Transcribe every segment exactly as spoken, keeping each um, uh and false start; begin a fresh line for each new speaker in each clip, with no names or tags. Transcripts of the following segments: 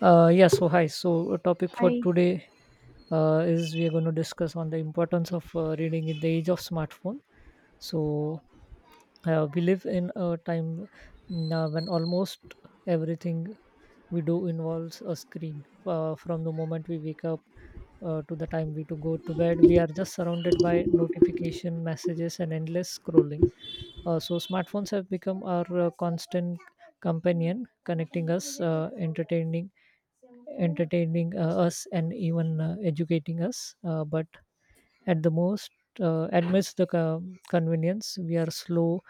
Uh, yeah, so hi. So, a topic for
Hi.
today uh, is we are going to discuss on the importance of uh, reading in the age of smartphone. So, uh, we live in a time now when almost everything we do involves a screen. Uh, from the moment we wake up uh, to the time we to go to bed, we are just surrounded by notification messages and endless scrolling. Uh, so smartphones have become our uh, constant companion, connecting us, uh, entertaining entertaining uh, us, and even uh, educating us, uh, but at the most, uh, amidst the co- convenience, we are slow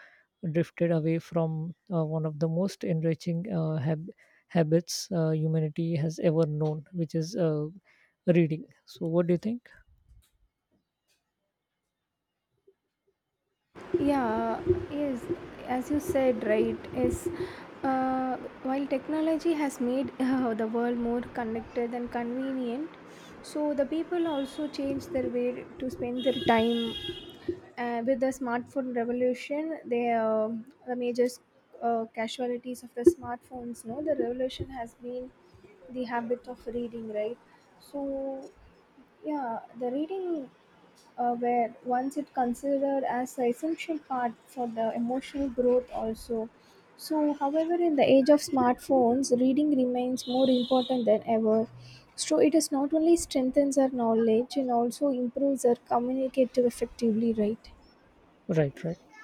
drifted away from uh, one of the most enriching uh, hab- habits uh, humanity has ever known, which is uh, reading. So what do you think?
Yeah, yes, as you said, right, is uh, while technology has made uh, the world more connected and convenient, so the people also change their way to spend their time. Uh, with the smartphone revolution, they uh, the major uh, casualties of the smartphones. No, the revolution has been the habit of reading, right? So yeah, the reading uh, where once it considered as an essential part for the emotional growth also. So however, in the age of smartphones, reading remains more important than ever. So it is not only strengthens our knowledge and also improves our communicative effectively, right.
Right, right.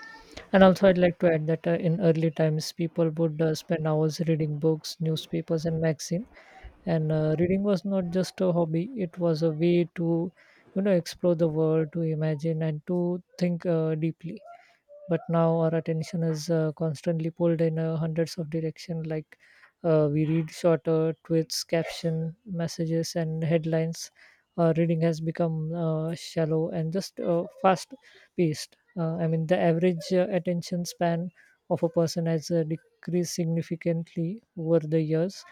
And also, I'd like to add that uh, in early times, people would uh, spend hours reading books, newspapers, and magazine. And uh, reading was not just a hobby; it was a way to, you know, explore the world, to imagine, and to think uh, deeply. But now our attention is uh, constantly pulled in uh, hundreds of directions. Like, uh, we read shorter tweets, caption messages, and headlines. Uh, reading has become uh, shallow and just uh, fast paced. uh, I mean, the average uh, attention span of a person has uh, decreased significantly over the years,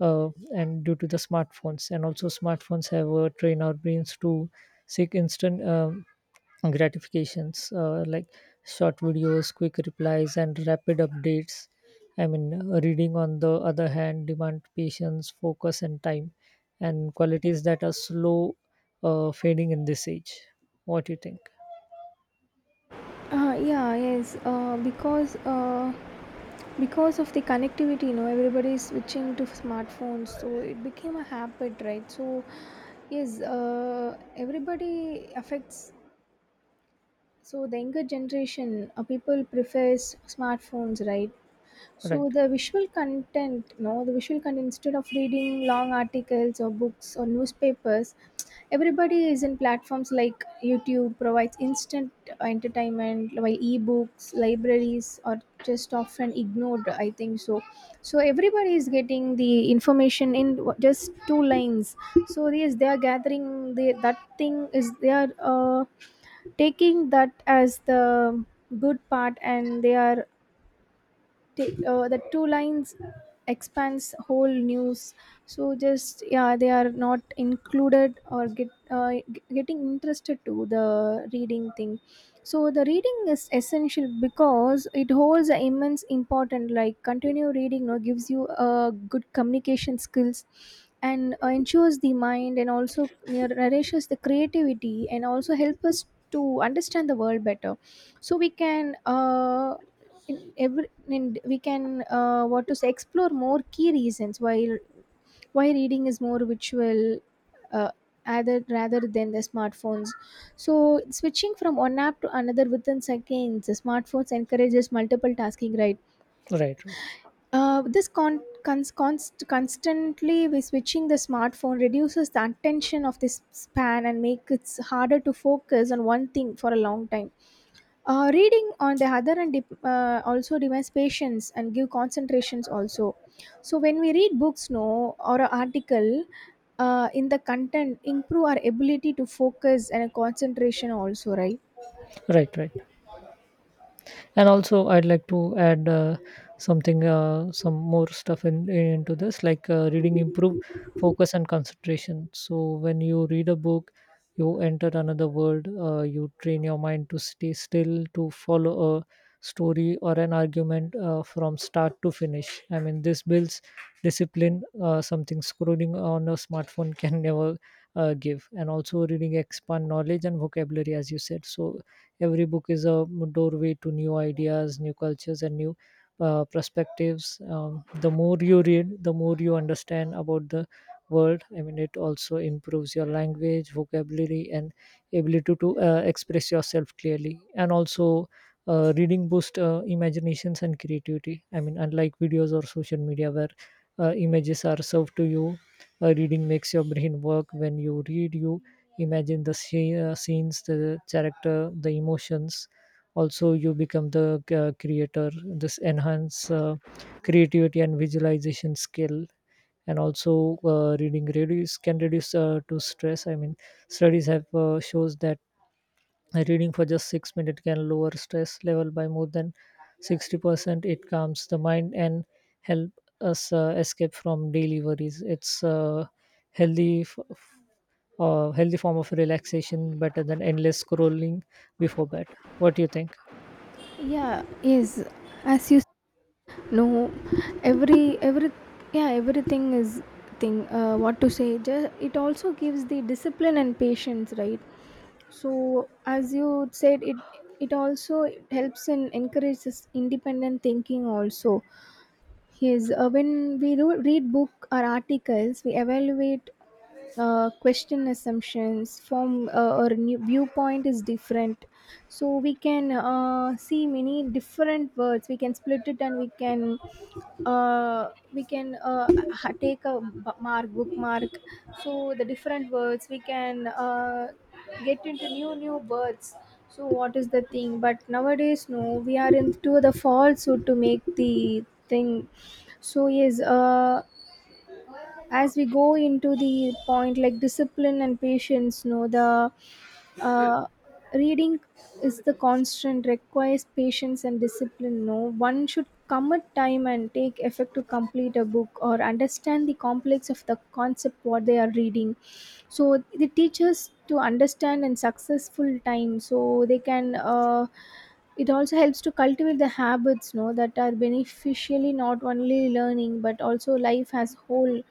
uh, and due to the smartphones. And also smartphones have uh, trained our brains to seek instant um gratifications, uh, like short videos, quick replies, and rapid updates. I mean, uh, reading on the other hand demand patience, focus, and time, and qualities that are slow uh, fading in this age. What do you think?
uh, yeah yes uh, because uh, because of the connectivity, you know, everybody is switching to smartphones, so it became a habit, right? So yes, uh, everybody affects. So the younger generation, uh, people prefers smartphones, right? So
Right,
the visual content, no, the visual content instead of reading long articles or books or newspapers, everybody is in platforms like YouTube provides instant entertainment, while ebooks, libraries are just often ignored. I think so. So everybody is getting the information in w- just two lines. So yes, they are gathering the that thing is they are. Uh, taking that as the good part and they are ta- uh, the two lines expands whole news. So just yeah, they are not included or get uh, g- getting interested to the reading thing. So the reading is essential because it holds an immense importance, like continue reading, no, gives you uh, good communication skills and uh, ensures the mind and also near- nourishes the creativity and also help us to understand the world better. So we can uh, in every in, we can uh, what to say, explore more key reasons why why reading is more virtual uh, rather rather than the smartphones. So switching from one app to another within seconds, the smartphones encourages multiple tasking, right.
right, right,
Uh, this con- cons- const- constantly we switching the smartphone reduces the attention of this span and make it harder to focus on one thing for a long time. Uh, reading on the other hand dep- uh, also demands patience and give concentrations also. So when we read books, no, or an article, uh, in the content improve our ability to focus and concentration also, right?
right, right. And also, I'd like to add uh, something, uh, some more stuff in, into this, like uh, reading improve focus and concentration. So when you read a book, you enter another world. Uh, you train your mind to stay still, to follow a story or an argument uh, from start to finish. I mean, this builds discipline, uh, something scrolling on a smartphone can never uh, give. And also, reading expand knowledge and vocabulary, as you said. So every book is a doorway to new ideas, new cultures, and new uh, perspectives. Um, the more you read, the more you understand about the world. I mean, it also improves your language, vocabulary, and ability to uh, express yourself clearly. And also, uh, reading boosts uh, imaginations and creativity. I mean, unlike videos or social media where uh, images are served to you, uh, reading makes your brain work. When you read, you imagine the sce- uh, scenes, the character, the emotions. Also, you become the uh, creator. This enhance uh, creativity and visualization skill. And also, uh, reading reduce can reduce uh, to stress. I mean, studies have uh, shows that reading for just six minutes can lower stress level by more than sixty percent. It calms the mind and help us uh, escape from daily worries. It's uh, healthy f- uh, healthy form of relaxation, better than endless scrolling before bed. What do you think?
yeah yes as you know, every every yeah, everything is thing, uh, what to say, just, it also gives the discipline and patience, right. So as you said, it it also helps and encourages independent thinking also. Yes, uh, when we do read book or articles, we evaluate, uh, question assumptions, form uh, or new viewpoint is different. So we can uh, see many different words. We can split it and we can uh, we can uh, ha- take a b- mark bookmark. So the different words we can uh, get into new new words. So what is the thing, but nowadays, no, we are into the falsehood to make the thing. So yes, uh as we go into the point like discipline and patience, no, the uh, reading is the constant requires patience and discipline, no, one should commit time and take effort to complete a book or understand the complex of the concept what they are reading. So the teachers to understand and successful time, so they can uh, it also helps to cultivate the habits, no, that are beneficially not only learning but also life as whole.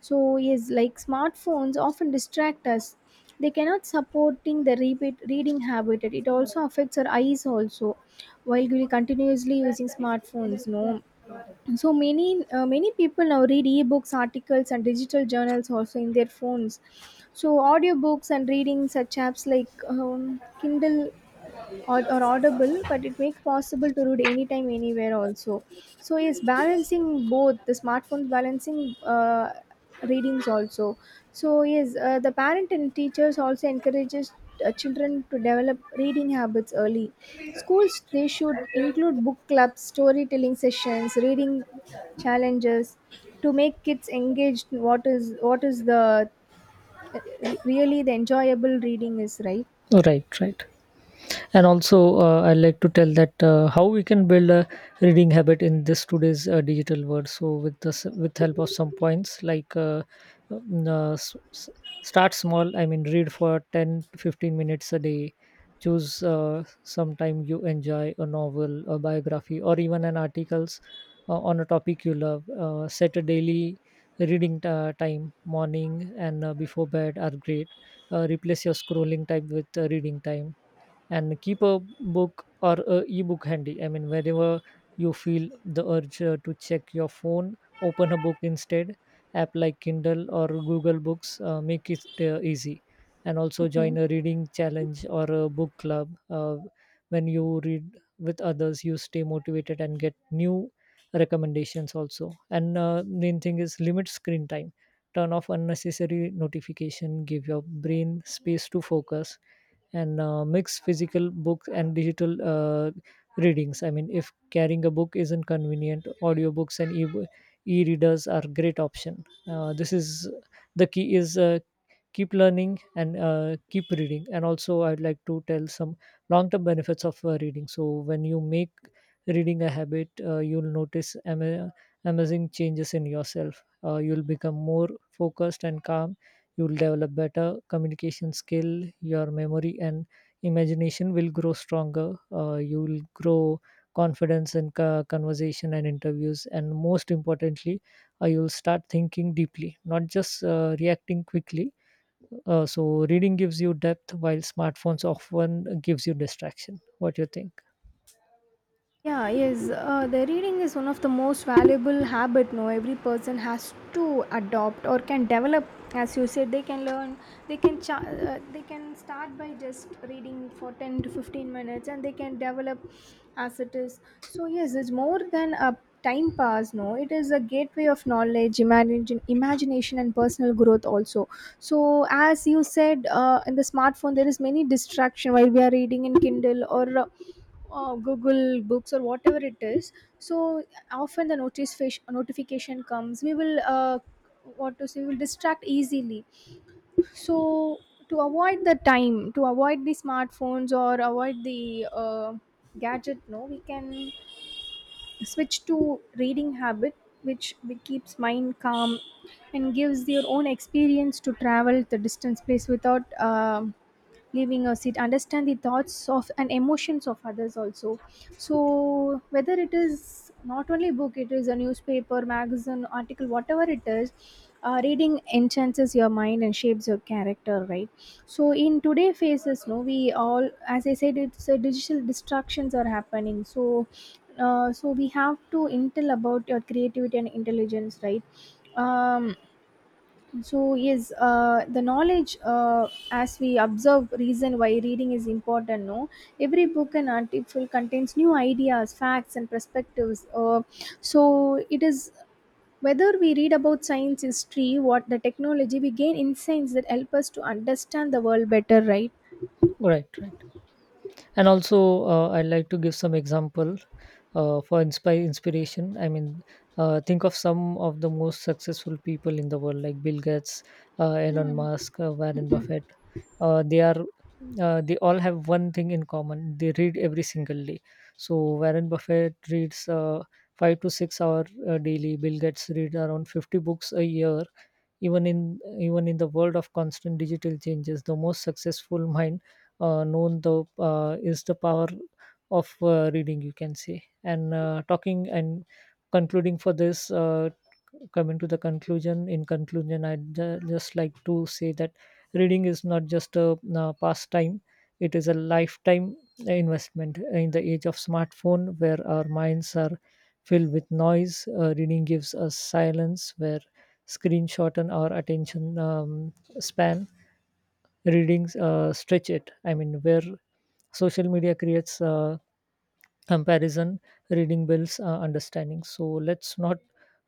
So yes, like smartphones often distract us. They cannot supporting the repeat reading habit. It also affects our eyes also, while we continuously using smartphones. No, so many uh, many people now read ebooks, articles, and digital journals also in their phones. So audiobooks and reading such apps like um, Kindle or, or audible, but it makes possible to read anytime anywhere also. So yes, balancing both the smartphones, balancing uh, readings also. So yes, uh, the parent and teachers also encourages uh, children to develop reading habits early. Schools, they should include book clubs, storytelling sessions, reading challenges to make kids engaged in what is what is the uh, re- really the enjoyable reading is, right.
Right, right. And also, uh, I like to tell that uh, how we can build a reading habit in this today's uh, digital world, so with this, with help of some points, like uh, um, uh, s- s- start small. I mean, read for ten to fifteen minutes a day. Choose uh, sometime you enjoy, a novel, a biography, or even an articles uh, on a topic you love. Uh, set a daily reading uh, time. Morning and uh, before bed are great. Uh, replace your scrolling time with uh, reading time, and keep a book or a ebook handy. I mean, wherever you feel the urge uh, to check your phone, open a book instead. App like Kindle or Google Books uh, make it uh, easy. And also join a reading challenge or a book club. Uh, when you read with others, you stay motivated and get new recommendations also. And uh, main thing is limit screen time. Turn off unnecessary notification. Give your brain space to focus, and uh, mix physical books and digital uh, readings. I mean, if carrying a book isn't convenient, audiobooks and e- e-readers are great option. Uh, this is the key is uh, keep learning and uh, keep reading. And also, I'd like to tell some long term benefits of uh, reading. So when you make reading a habit, uh, you'll notice ama- amazing changes in yourself. Uh, you'll become more focused and calm. You'll develop better communication skill. Your memory and imagination will grow stronger. Uh, you will grow confidence in co- conversation and interviews. And most importantly, uh, you'll start thinking deeply, not just uh, reacting quickly. Uh, so reading gives you depth while smartphones often gives you distraction. What do you think?
Yeah, yes. Uh, the reading is one of the most valuable habit. No, every person has to adopt or can develop. As you said, they can learn. They can cha- uh, they can start by just reading for ten to fifteen minutes, and they can develop as it is. So yes, it's more than a time pass. No, it is a gateway of knowledge, imagine, imagination, and personal growth also. So as you said, uh, in the smartphone there is many distraction while we are reading in Kindle or. Uh, uh, Google Books or whatever it is. So often the notice fish notification comes. We will uh, What to say? We will distract easily. So to avoid the time, to avoid the smartphones or avoid the uh, gadget, no, we can switch to reading habit, which keeps mind calm and gives your own experience to travel the distance place without. Um leaving a seat, understand the thoughts of and emotions of others also. So whether it is not only book, it is a newspaper, magazine, article, whatever it is, uh, reading enhances your mind and shapes your character, right. So in today phases, no, we all, as I said, it's uh, digital distractions are happening. So uh, so we have to intel about your creativity and intelligence, right. um so yes, uh, the knowledge uh, as we observe reason why reading is important. No, every book and article contains new ideas, facts, and perspectives. Uh, so it is whether we read about science, history, what the technology, we gain insights that help us to understand the world better. Right?
Right, right. And also, uh, I'd like to give some example uh, for inspire inspiration. I mean, uh, think of some of the most successful people in the world, like Bill Gates, uh, Elon
Mm,
Musk, uh, Warren
mm, mm.
Buffett. Uh, they are uh, they all have one thing in common. They read every single day. So Warren Buffett reads uh, five to six hour uh, daily. Bill Gates read around fifty books a year. Even in even in the world of constant digital changes, the most successful mind uh, known the uh, is the power of uh, reading, you can say. And uh, talking and concluding for this, uh, coming to the conclusion in conclusion, I'd ju- just like to say that reading is not just a uh, pastime, it is a lifetime investment. In the age of smartphone where our minds are filled with noise, uh, reading gives us silence. Where screen shorten our attention um, span, readings uh, stretch it. I mean, where social media creates uh, comparison, reading builds uh, understanding. So let's not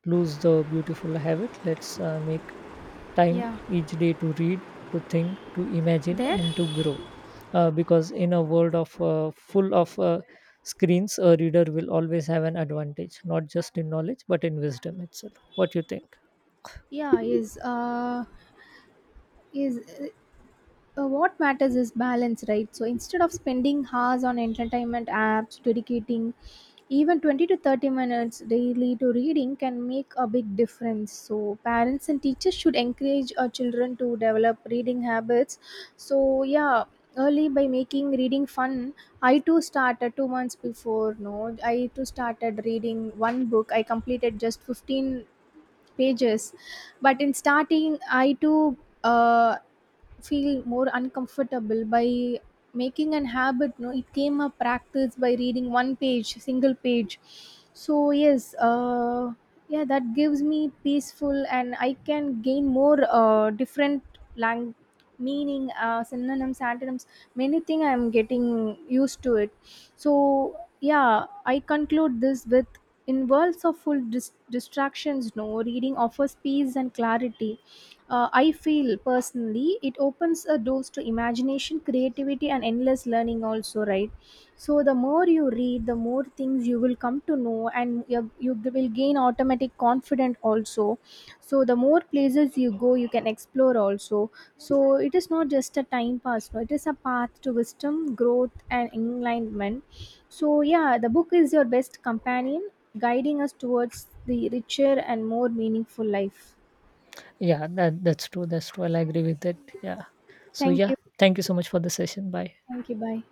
lose the beautiful habit. Let's uh, make time
Yeah,
each day to read, to think, to imagine,
there.
and to grow, uh, because in a world of uh, full of uh, screens, a reader will always have an advantage, not just in knowledge but in wisdom itself. What you think?
Yeah. Is uh, is uh, What matters is balance, right. So instead of spending hours on entertainment apps, dedicating even twenty to thirty minutes daily to reading can make a big difference. So parents and teachers should encourage our children to develop reading habits. So yeah, early, by making reading fun, I too started two months before, no, I too started reading one book, I completed just fifteen pages. But in starting, I too uh, feel more uncomfortable by making an habit, no, it came a practice by reading one page, single page. So yes, uh, yeah, that gives me peaceful and I can gain more uh, different lang- meaning, uh, synonyms, antonyms, many thing. I'm getting used to it. So, yeah, I conclude this with in worlds of full dis- distractions, no, reading offers peace and clarity. Uh, I feel personally it opens a doors to imagination, creativity, and endless learning, also, right? So the more you read, the more things you will come to know, and you, you will gain automatic confidence also. So the more places you go, you can explore also. So it is not just a time pass, no, it is a path to wisdom, growth, and enlightenment. So yeah, the book is your best companion, guiding us towards the richer and more meaningful life.
Yeah, that, that's true, that's true, I agree with that. Yeah. So
Thank
yeah,
you.
thank you so much for the session. Bye.
Thank you. Bye.